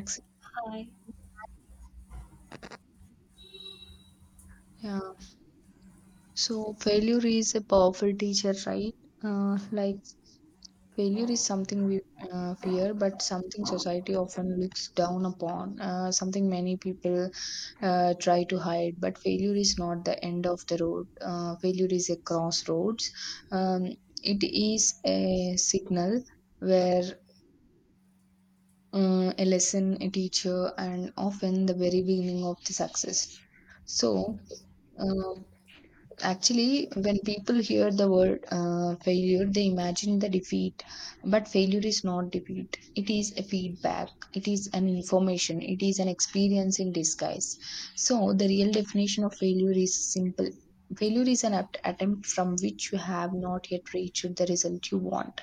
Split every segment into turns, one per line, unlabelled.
Acc-
Hi.
Yeah. So failure is a powerful teacher, right? Like failure is something we fear, but something society often looks down upon. Something many people try to hide. But failure is not the end of the road. Failure is a crossroads. Um, it is a signal where a lesson, a teacher, and often the very beginning of the success. So, uh, actually, when people hear the word failure, they imagine the defeat. But failure is not defeat. It is a feedback. It is an information. It is an experience in disguise. So, the real definition of failure is simple. Failure is an apt attempt from which you have not yet reached the result you want.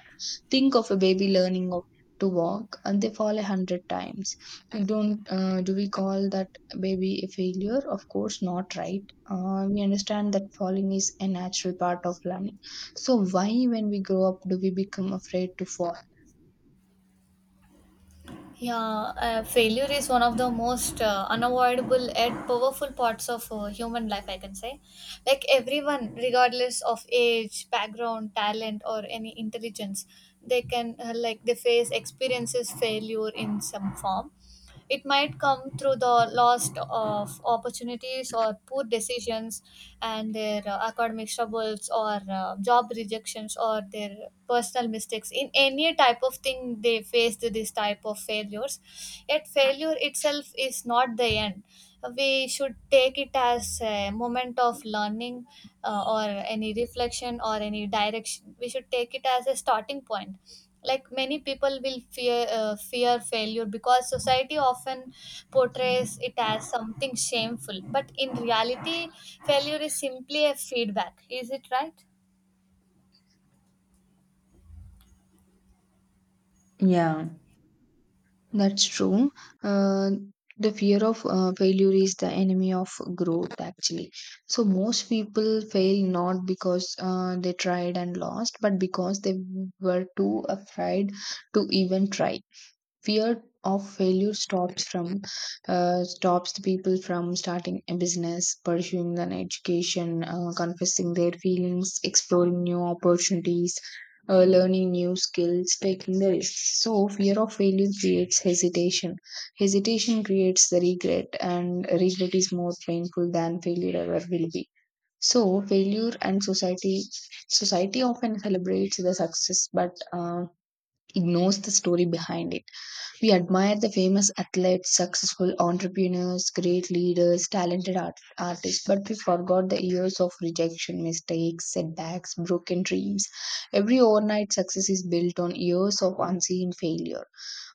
Think of a baby learning to walk, and they fall 100 times. We don't, do we call that baby a failure? Of course not, right? We understand that falling is a natural part of learning. So why, when we grow up, do we become afraid to fall?
Yeah, failure is one of the most unavoidable and powerful parts of human life, I can say. Like everyone, regardless of age, background, talent, or any intelligence, they can like they face experiences failure in some form. It might come through the loss of opportunities or poor decisions, and their academic troubles, or job rejections, or their personal mistakes. In any type of thing, they faced this type of failures. Yet failure itself is not the end. We should take it as a moment of learning, or any reflection, or any direction. We should take it as a starting point. Like many people will fear failure because society often portrays it as something shameful. But in reality, failure is simply a feedback, is it right?
Yeah. That's true. Uh, the fear of failure is the enemy of growth, actually. So, most people fail not because they tried and lost, but because they were too afraid to even try. Fear of failure stops from stops the people from starting a business, pursuing an education, confessing their feelings, exploring new opportunities, learning new skills, taking the risks. So fear of failure creates hesitation. Hesitation creates the regret, and regret is more painful than failure ever will be. So, failure and society. Society often celebrates the success, but ignores the story behind it. We admire the famous athletes, successful entrepreneurs, great leaders, talented artists, but we forgot the years of rejection, mistakes, setbacks, broken dreams. Every overnight success is built on years of unseen failure.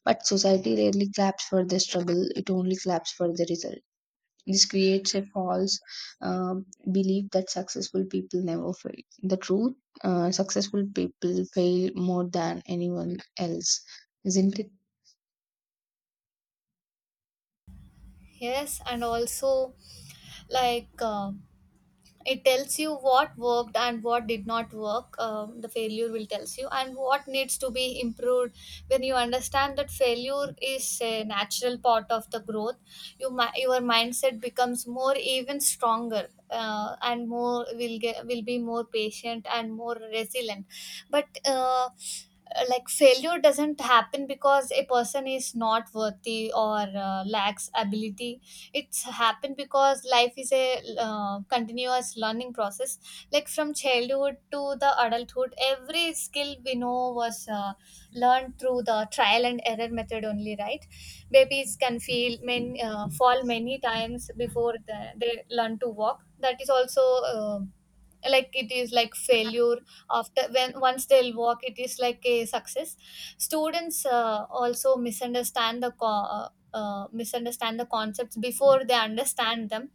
But society rarely claps for the struggle, it only claps for the result. This creates a false um belief that successful people never fail. The truth, successful people fail more than anyone else, isn't it?
Yes, and also, like, it tells you what worked and what did not work. The failure will tells you and what needs to be improved. When you understand that failure is a natural part of the growth, your mindset becomes more even stronger. And more will be more patient and more resilient. But like failure doesn't happen because a person is not worthy or lacks ability. It's happened because life is a continuous learning process. Like from childhood to the adulthood, every skill we know was learned through the trial and error method only, right? Babies can fall many times before they learn to walk. That is also like it is like failure. After when once they'll walk, it is like a success. Students also misunderstand the concepts before they understand them.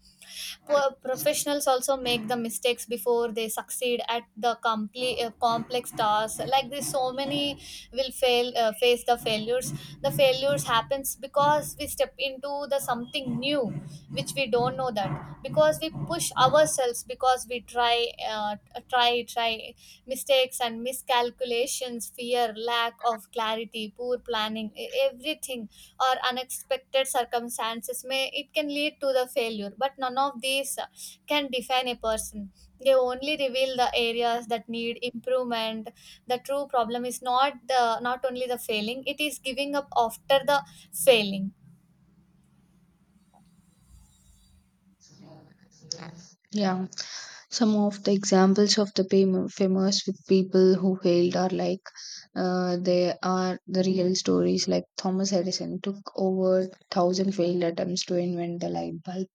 Professionals also make the mistakes before they succeed at the complete complex tasks like this. So many will fail face the failures. The failures happens because we step into the something new which we don't know that, because we push ourselves, because we try. Mistakes and miscalculations, fear, lack of clarity, poor planning, everything or unexpected circumstances may it can lead to the failure. But none of these can define a person. They only reveal the areas that need improvement. The true problem is not only the failing; it is giving up after the failing.
Yeah, some of the examples of the famous with people who failed are like they are the real stories. Like Thomas Edison took over 1,000 failed attempts to invent the light bulb.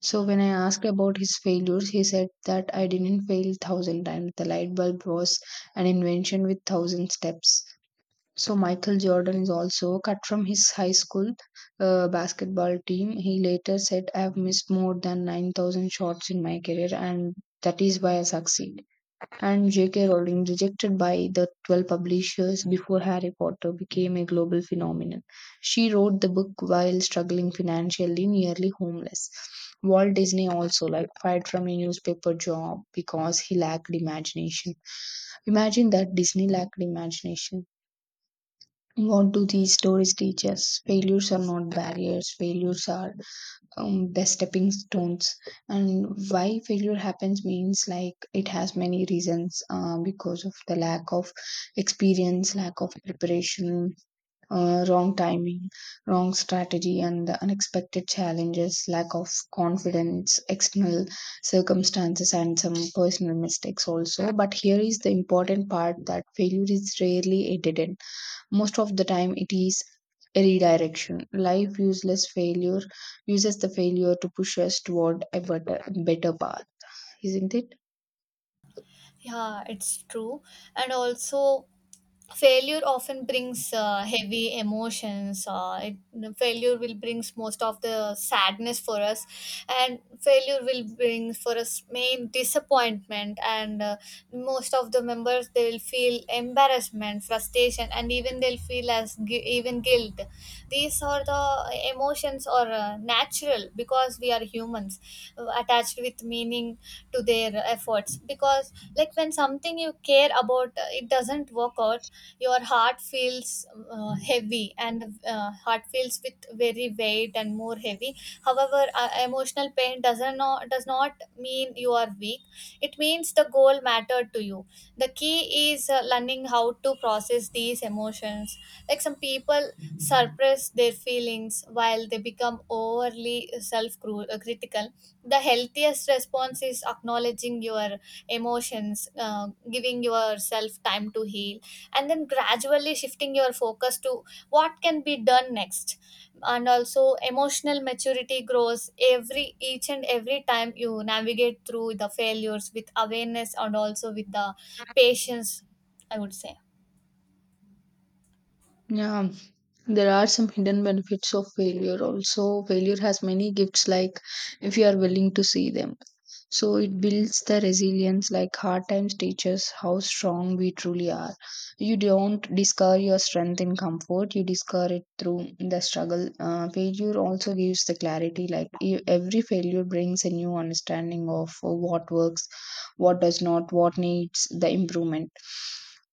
So when I asked about his failures, he said that I didn't fail 1,000 times. The light bulb was an invention with 1,000 steps. So Michael Jordan is also cut from his high school basketball team. He later said, "I have missed more than 9,000 shots in my career, and that is why I succeed." And J.K. Rowling, rejected by the 12 publishers before Harry Potter became a global phenomenon. She wrote the book while struggling financially, nearly homeless. Walt Disney also like fired from a newspaper job because he lacked imagination. Imagine that Disney lacked imagination. What do these stories teach us? Failures are not barriers, failures are the stepping stones. And why failure happens means like it has many reasons, because of the lack of experience, lack of preparation, wrong timing, wrong strategy, and the unexpected challenges, lack of confidence, external circumstances, and some personal mistakes also. But here is the important part, that failure is rarely edited. Most of the time, it is redirection. Life useless failure uses the failure to push us toward a better path, isn't it?
Yeah, it's true. And also, failure often brings heavy emotions. Failure will brings most of the sadness for us, and failure will bring for us main disappointment. And most of the members they will feel embarrassment, frustration, and even they'll feel as gu- even guilt. These are the emotions are natural because we are humans attached with meaning to their efforts. Because like when something you care about, it doesn't work out, your heart feels heavy, and heart feels with very weight and more heavy. However, emotional pain does not mean you are weak. It means the goal mattered to you. The key is learning how to process these emotions. Like some people suppress their feelings, while they become overly self critical. The healthiest response is acknowledging your emotions, giving yourself time to heal, and then gradually shifting your focus to what can be done next. And also, emotional maturity grows every each and every time you navigate through the failures with awareness and also with the patience, I would say.
Yeah, there are some hidden benefits of failure also. Failure has many gifts, like if you are willing to see them. So it builds the resilience, like hard times teaches how strong we truly are. You don't discover your strength in comfort, you discover it through the struggle. Failure also gives the clarity, like every failure brings a new understanding of what works, what does not, what needs the improvement.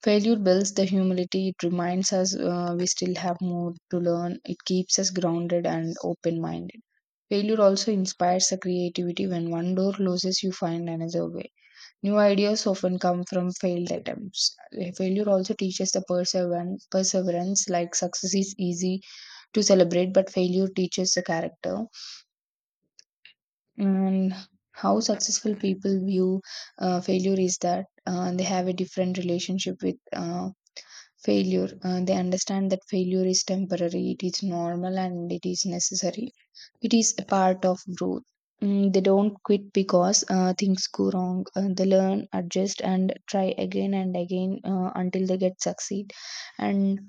Failure builds the humility. It reminds us, we still have more to learn. It keeps us grounded and open minded. Failure also inspires the creativity. When one door closes, you find another way. New ideas often come from failed attempts. Failure also teaches the perseverance. Perseverance, like success, is easy to celebrate, but failure teaches the character. And how successful people view failure is that they have a different relationship with failure. They understand that failure is temporary, it is normal, and it is necessary. It is a part of growth. They don't quit because things go wrong. They learn, adjust, and try again and again, until they get succeed. And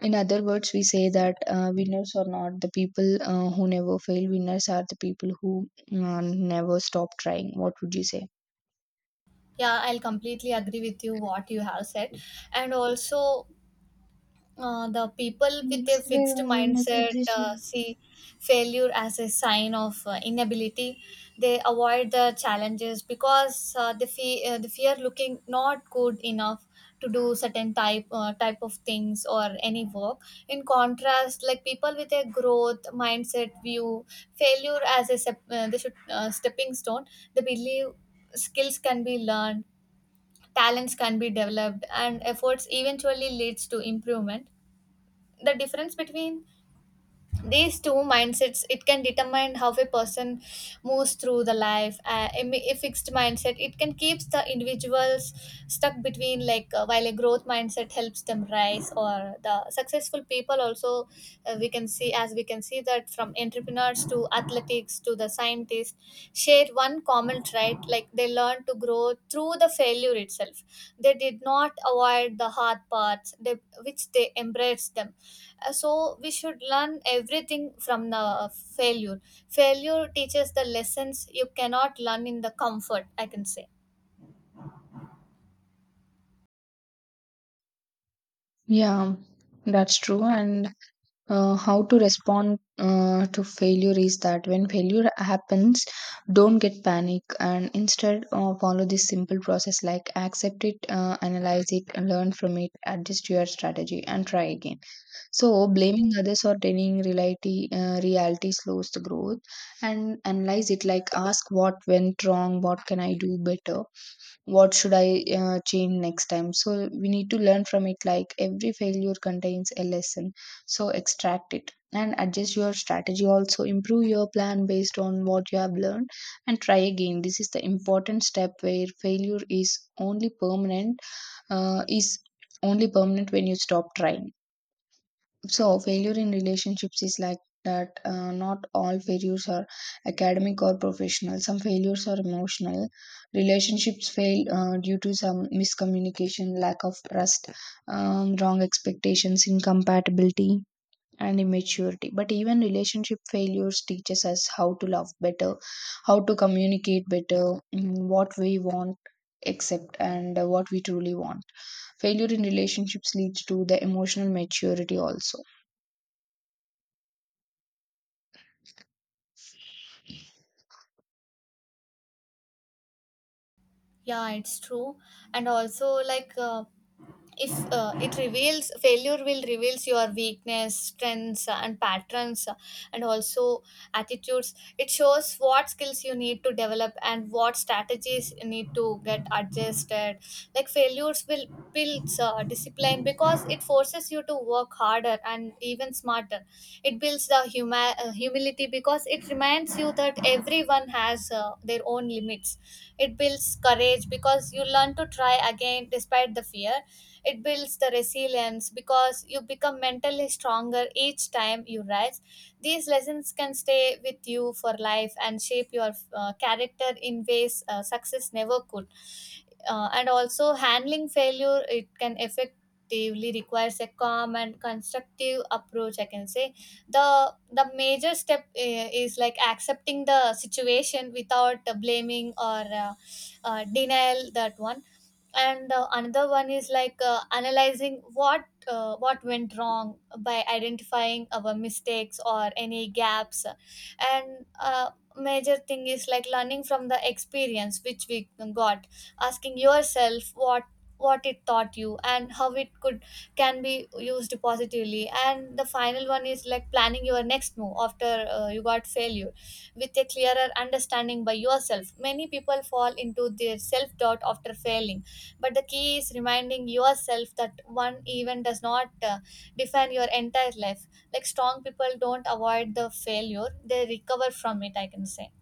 in other words, we say that winners are not the people who never fail. Winners are the people who never stop trying. What would you say?
Yeah, I'll completely agree with you what you have said. And also, the people with a
Next way
fixed
or room
mindset
suggestion.
see failure as a sign of inability. They avoid the challenges because they fear looking not good enough to do certain type of things or any work. In contrast, like people with a growth mindset view failure as a sep- they should stepping stone. They believe skills can be learned, talents can be developed, and efforts eventually leads to improvement. The difference between these two mindsets, it can determine how a person moves through the life. A fixed mindset, it can keeps the individuals stuck between, like, while a growth mindset helps them rise. Or the successful people also, we can see that from entrepreneurs to athletics to the science scientists share one common trait, like they learn to grow through the failure itself. They did not avoid the hard parts, which they embraced them. So we should learn everything from the failure. Failure teaches the lessons you cannot learn in the comfort, I can say.
Yeah, that's true. And how to respond to failure is that when failure happens, don't get panic, and instead follow this simple process, like accept it, analyze it and learn from it, adjust your strategy and try again. So blaming others or denying reality slows the growth. And analyze it, like ask what went wrong, what can I do better, what should I change next time. So we need to learn from it, like every failure contains a lesson, so extract it and adjust your strategy, also improve your plan based on what you have learned, and try again. This is the important step, where failure is only uh, is permanent when you stop trying. So, failure in relationships is like that. Not all failures are academic or professional. Some failures are emotional. Relationships fail due to some miscommunication, lack of trust, wrong expectations, incompatibility, and immaturity. But even relationship failures teaches us how to love better, how to communicate better, what we want, accept, and what we truly want. Failure in relationships leads to the emotional maturity also.
Yeah, it's true. And also, like, if it reveals failure will reveals your weakness, strengths, and patterns, and also attitudes. It shows what skills you need to develop and what strategies you need to get adjusted. Like failures will builds discipline because it forces you to work harder and even smarter. It builds the humility because it reminds you that everyone has their own limits. It builds courage because you learn to try again despite the fear. It builds the resilience because you become mentally stronger each time you rise. These lessons can stay with you for life and shape your character in ways success never could. And also, handling failure, it can effectively requires a calm and constructive approach, I can say. The major step is like accepting the situation without blaming or denial, that one. And the another one is like analyzing what went wrong by identifying our mistakes or any gaps. And major thing is like learning from the experience which we got, asking yourself what it taught you and how it could can be used positively. And the final one is like planning your next move after you got failure, with a clearer understanding by yourself. Many people fall into their self doubt after failing, but the key is reminding yourself that one event does not define your entire life. Like strong people don't avoid the failure, they recover from it, I can say.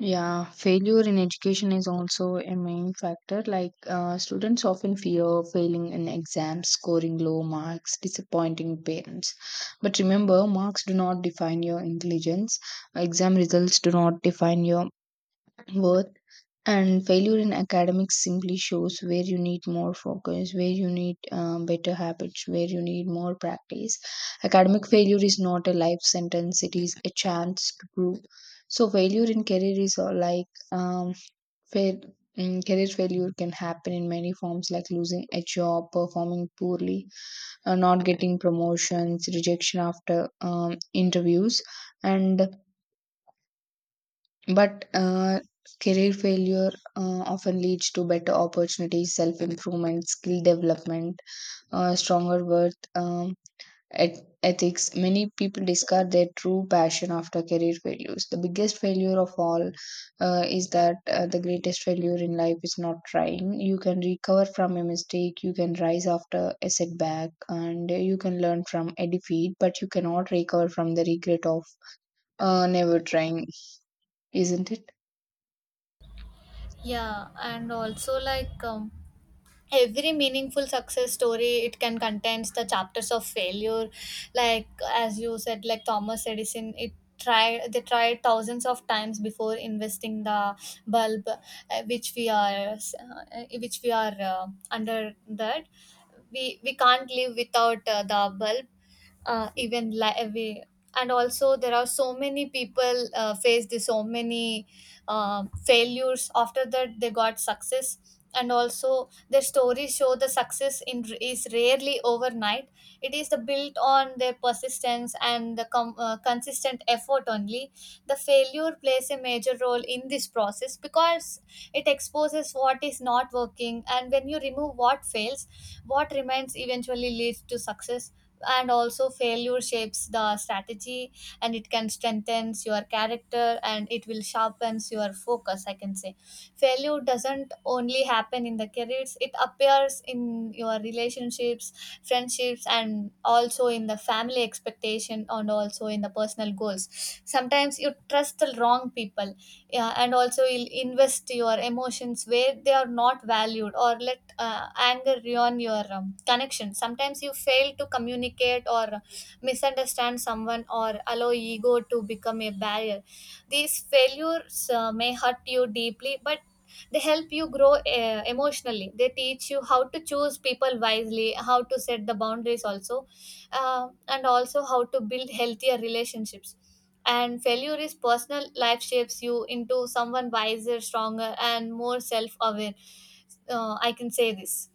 Yeah, failure in education is also a main factor. Like, students often fear failing in exams, scoring low marks, disappointing parents. But remember, marks do not define your intelligence, exam results do not define your worth, and failure in academics simply shows where you need more focus, where you need better habits, where you need more practice. Academic failure is not a life sentence, it is a chance to grow. So failure in career is like, um, fail, career failure can happen in many forms, like losing a job, performing poorly, not getting promotions, rejection after interviews, and but career failure often leads to better opportunities, self improvement, skill development, stronger worth, ethics. Many people discard their true passion after career failures. The biggest failure of all, is that, the greatest failure in life is not trying. You can recover from a mistake, you can rise after a setback, and you can learn from a defeat, but you cannot recover from the regret of never trying, isn't it?
Yeah, and also, like, every meaningful success story it can contains the chapters of failure. Like as you said, like Thomas Edison, it tried they tried thousands of times before investing the bulb, which we are under that. We can't live without the bulb, even li- we and also there are so many people faced so many failures. After that, they got success. And also their stories show the success, is rarely overnight. It is the built on their persistence and the consistent effort only. The failure plays a major role in this process because it exposes what is not working, and when you remove what fails, what remains eventually leads to success. And also, failure shapes the strategy, and it can strengthen your character, and it will sharpens your focus, I can say. Failure doesn't only happen in the careers, it appears in your relationships, friendships, and also in the family expectation, and also in the personal goals. Sometimes you trust the wrong people, yeah, and also you'll invest your emotions where they are not valued, or let anger ruin your connection. Sometimes you fail to communicate or misunderstand someone or allow ego to become a barrier. These failures may hurt you deeply, but they help you grow emotionally. They teach you how to choose people wisely, how to set the boundaries, also, and also how to build healthier relationships. And failure is personal, life shapes you into someone wiser, stronger, and more self aware. I can say this.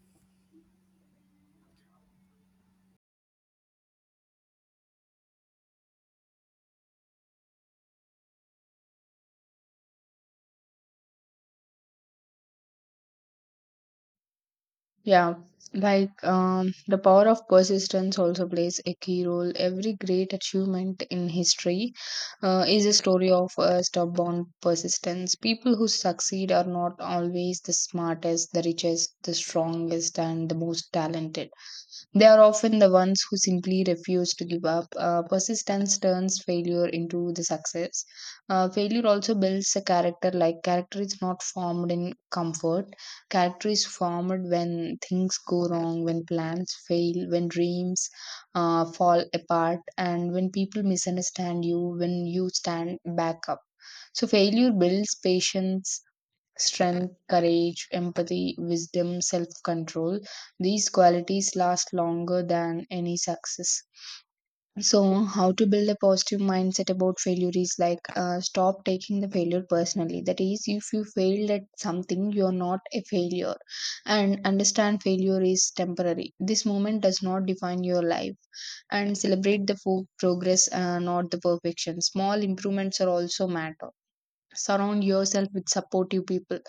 Yeah, like the power of persistence also plays a key role. Every great achievement in history is a story of stubborn persistence. People who succeed are not always the smartest, the richest, the strongest, and the most talented. They are often the ones who simply refuse to give up. Persistence turns failure into the success. Failure also builds a character. Like character is not formed in comfort. Character is formed when things go wrong, when plans fail, when dreams fall apart, and when people misunderstand you, when you stand back up. So failure builds patience, strength, courage, empathy, wisdom, self control. These qualities last longer than any success. So, how to build a positive mindset about failure is like, stop taking the failure personally. That is, if you failed at something, you are not a failure, and understand failure is temporary. This moment does not define your life, and celebrate the progress, not the perfection. Small improvements are also matter. Surround yourself with supportive people,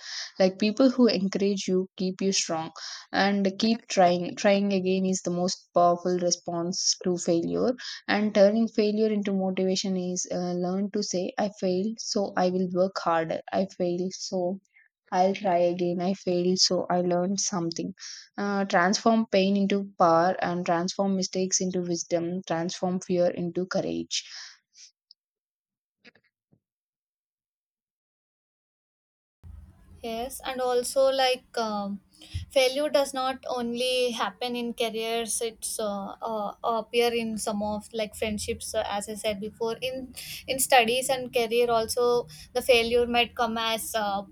like people who encourage you, keep you strong. And keep trying. Trying again is the most powerful response to failure. And turning failure into motivation is, learn to say, I failed so I will work harder, I failed so I'll try again, I failed so I learned something. Transform pain into power, and transform mistakes into wisdom, transform fear into courage.
Yes, and also, like, failure does not only happen in careers; it's appear in some of like friendships, as I said before. In studies and career, also the failure might come as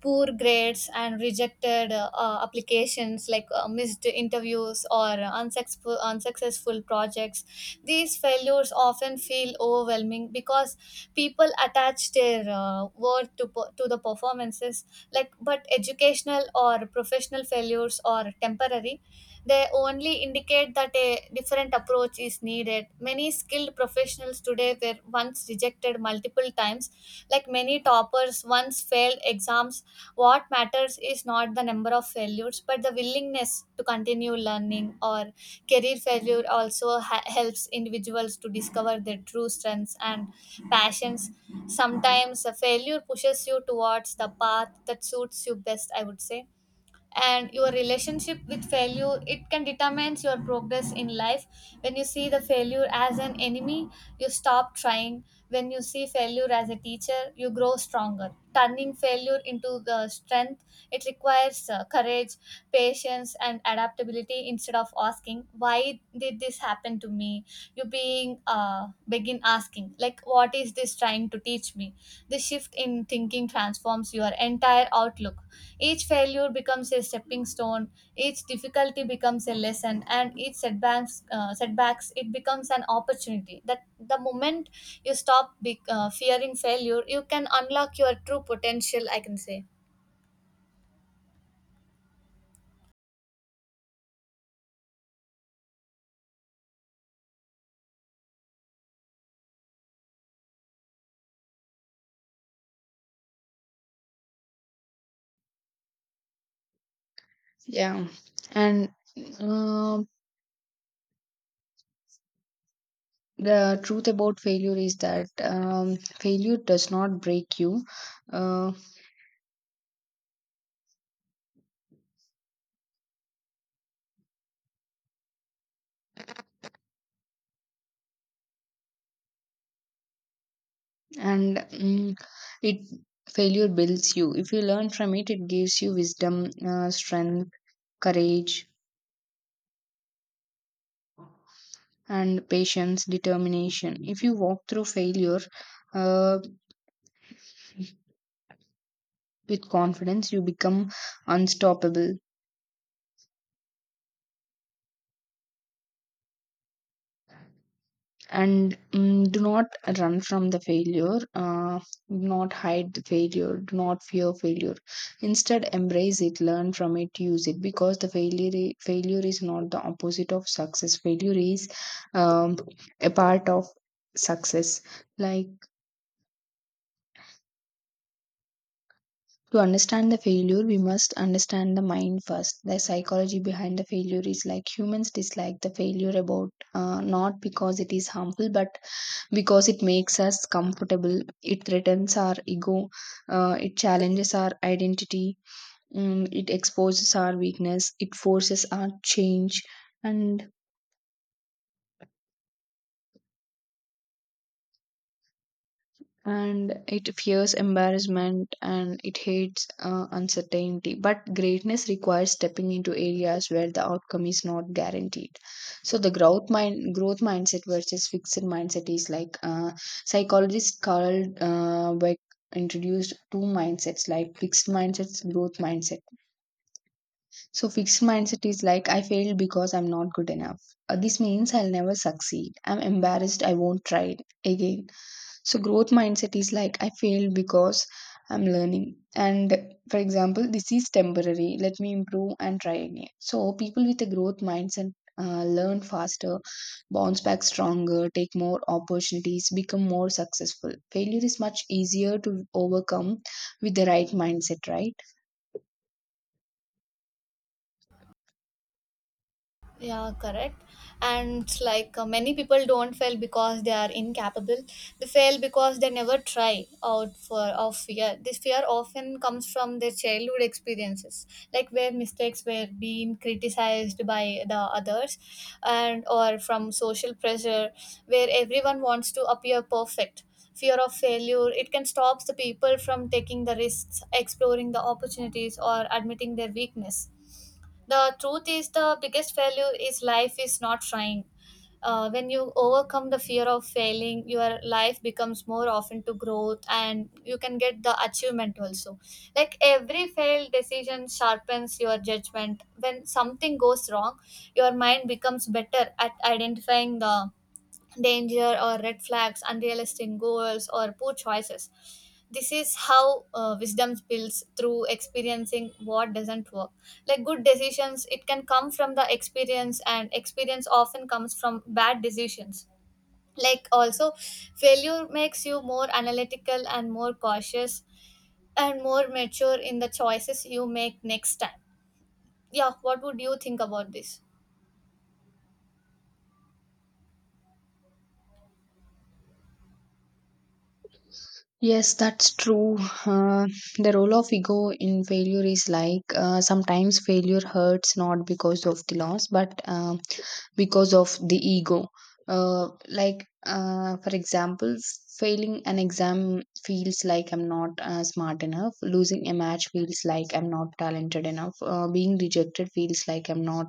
poor grades and rejected applications, like missed interviews or unsuccessful projects. These failures often feel overwhelming because people attach their worth to the performances. Like but educational or professional failures or temporary, they only indicate that a different approach is needed. Many skilled professionals today were once rejected multiple times. Like many toppers once failed exams. What matters is not the number of failures, but the willingness to continue learning. Or career failure also helps individuals to discover their true strengths and passions. Sometimes a failure pushes you towards the path that suits you best, I would say. And your relationship with failure, it can determines your progress in life. When you see the failure as an enemy, you stop trying. When you see failure as a teacher, you grow stronger. Turning failure into the strength, it requires courage, patience, and adaptability. Instead of asking why did this happen to me, you being begin asking, like, what is this trying to teach me? This shift in thinking transforms your entire outlook. Each failure becomes a stepping stone, each difficulty becomes a lesson, and each setbacks it becomes an opportunity. That the moment you stop fearing failure, you can unlock your true potential, I can say.
Yeah, and um. The truth about failure is that failure does not break you. Uh, and mm, it Failure builds you if you learn from it. It gives you wisdom, strength, courage, and patience, determination. If you walk through failure uh, with confidence, you become unstoppable. Do not run from the failure. Do not hide the failure. Do not fear failure. Instead, embrace it, learn from it, use it, because the failure failure is not the opposite of success. Failure is um, a part of success. Like, to understand the failure, we must understand the mind first. The psychology behind the failure is, like, humans dislike the failure about not because it is harmful, but because it makes us comfortable. It threatens our ego. It challenges our identity. It exposes our weakness. It forces our change. And it fears embarrassment, and it hates uncertainty. But greatness requires stepping into areas where the outcome is not guaranteed. So the growth mindset versus fixed mindset is, like, psychologist Carl Dweck introduced two mindsets, like fixed mindsets, growth mindset. So fixed mindset is like, I failed because I'm not good enough. This means I'll never succeed, I'm embarrassed, I won't try it again. So growth mindset is like, I failed because I'm learning. And for example, this is temporary. Let me improve and try again. So people with a growth mindset learn faster, bounce back stronger, take more opportunities, become more successful. Failure is much easier to overcome with the right mindset, right?
Yeah, correct. And it's like, many people don't fail because they are incapable. They fail because they never try out for of fear. This fear often comes from their childhood experiences, like where mistakes were being criticized by the others, and or from social pressure, where everyone wants to appear perfect. Fear of failure, it can stop the people from taking the risks, exploring the opportunities, or admitting their weakness. The truth is, the biggest failure is life is not trying. When you overcome the fear of failing, your life becomes more often to growth, and you can get the achievement also. Like every failed decision sharpens your judgment. When something goes wrong, your mind becomes better at identifying the danger or red flags, unrealistic goals, or poor choices. This is how wisdom builds through experiencing what doesn't work. Like good decisions, it can come from the experience, and experience often comes from bad decisions. Like also, failure makes you more analytical and more cautious and more mature in the choices you make next time. Yeah, what would you think about this?
Yes, that's true. Uh, the role of ego in failure is like, sometimes failure hurts not because of the loss, but because of the ego. For example, failing an exam feels like I'm not smart enough, losing a match feels like I'm not talented enough, being rejected feels like I'm not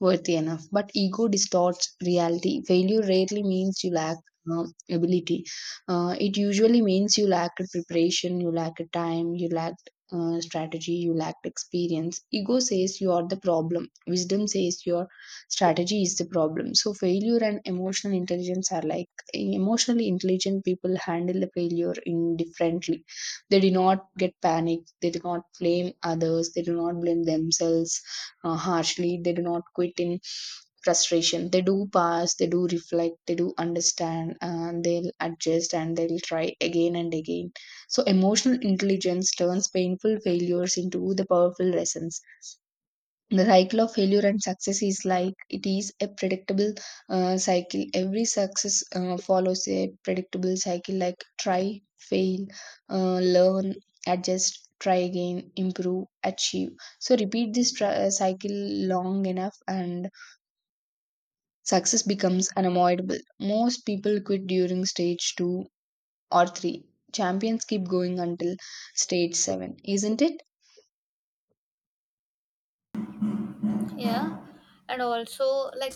worthy enough. But ego distorts reality. Failure rarely means you lack. Uh, Ability, it usually means you lacked preparation, you lacked time, you lacked strategy, you lacked experience. Ego says you are the problem. Wisdom says you are strategy is the problem. So failure and emotional intelligence are like, emotionally intelligent people handle the failure indifferently. They do not get panicked. They do not blame others. They do not blame themselves harshly. They do not quit in frustration. They do pass, they do reflect, they do understand, and they'll adjust, and they'll try again and again. So emotional intelligence turns painful failures into the powerful lessons. The cycle of failure and success is like, it is a predictable cycle. Every success follows a predictable cycle, like try, fail, learn, adjust, try again, improve, achieve. So repeat this cycle long enough, and success becomes unavoidable. Most people quit during stage 2 or 3. Champions keep going until stage 7, isn't it?
Yeah, and also, like,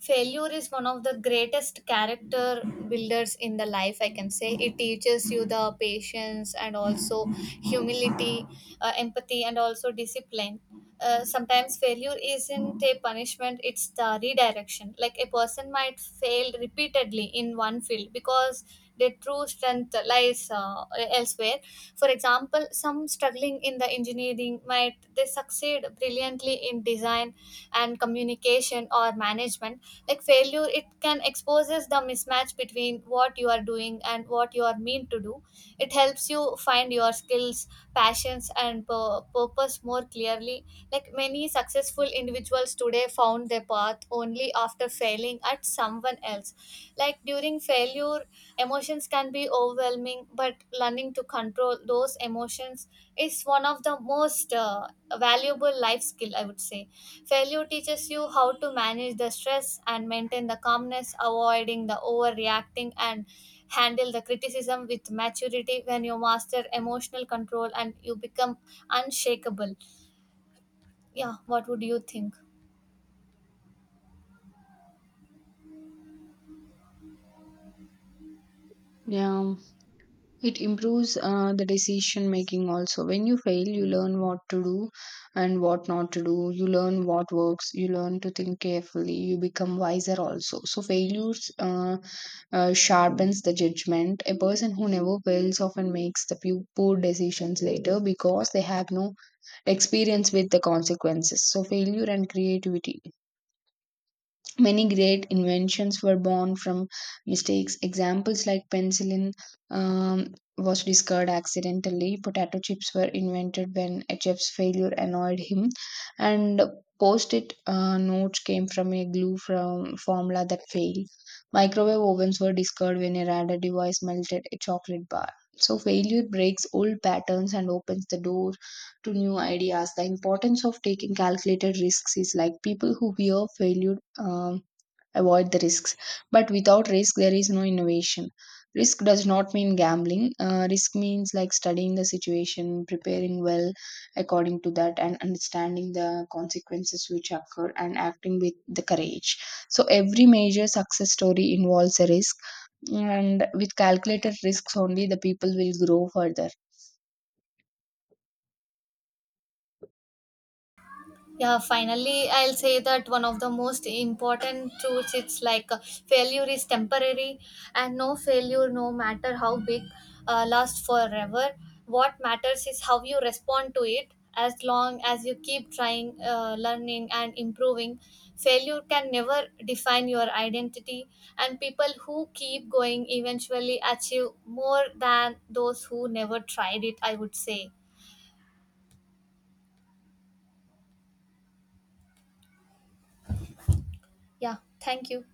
failure is one of the greatest character builders in the life, I can say. It teaches you the patience and also humility, empathy, and also discipline. Sometimes failure isn't a punishment, it's the redirection. Like a person might fail repeatedly in one field because their true strength lies elsewhere. For example, some struggling in the engineering might they succeed brilliantly in design and communication or management. Like failure, it can exposes the mismatch between what you are doing and what you are meant to do. It helps you find your skills, passions, and purpose more clearly. Like many successful individuals today found their path only after failing at someone else. Like during failure, emotions can be overwhelming, but learning to control those emotions is one of the most valuable life skill, I would say. Failure teaches you how to manage the stress and maintain the calmness, avoiding the overreacting, and handle the criticism with maturity. When you master emotional control, and you become unshakable. Yeah, what would you think?
Yeah. It improves the decision making also. When you fail, you learn what to do and what not to do. You learn what works. You learn to think carefully. You become wiser also. So, failures sharpens the judgment. A person who never fails often makes the poor decisions later because they have no experience with the consequences. So, failure and creativity. Many great inventions were born from mistakes. Examples like penicillin was discovered accidentally. Potato chips were invented when a chef's failure annoyed him, and post-it notes came from a glue from formula that failed. Microwave ovens were discovered when a radar device melted a chocolate bar. So failure breaks old patterns and opens the door to new ideas. The importance of taking calculated risks is like, people who fear failure, avoid the risks. But without risk, there is no innovation. Risk does not mean gambling. Risk means, like, studying the situation, preparing well according to that, and understanding the consequences which occur, and acting with the courage. So, every major success story involves a risk, and with calculated risks only, the people will grow further.
Yeah, finally, I'll say that one of the most important truths, it's like, failure is temporary, and no failure, no matter how big, lasts forever. What matters is how you respond to it. As long as you keep trying, learning, and improving, failure can never define your identity. And people who keep going eventually achieve more than those who never tried it, I would say. Yeah, thank you.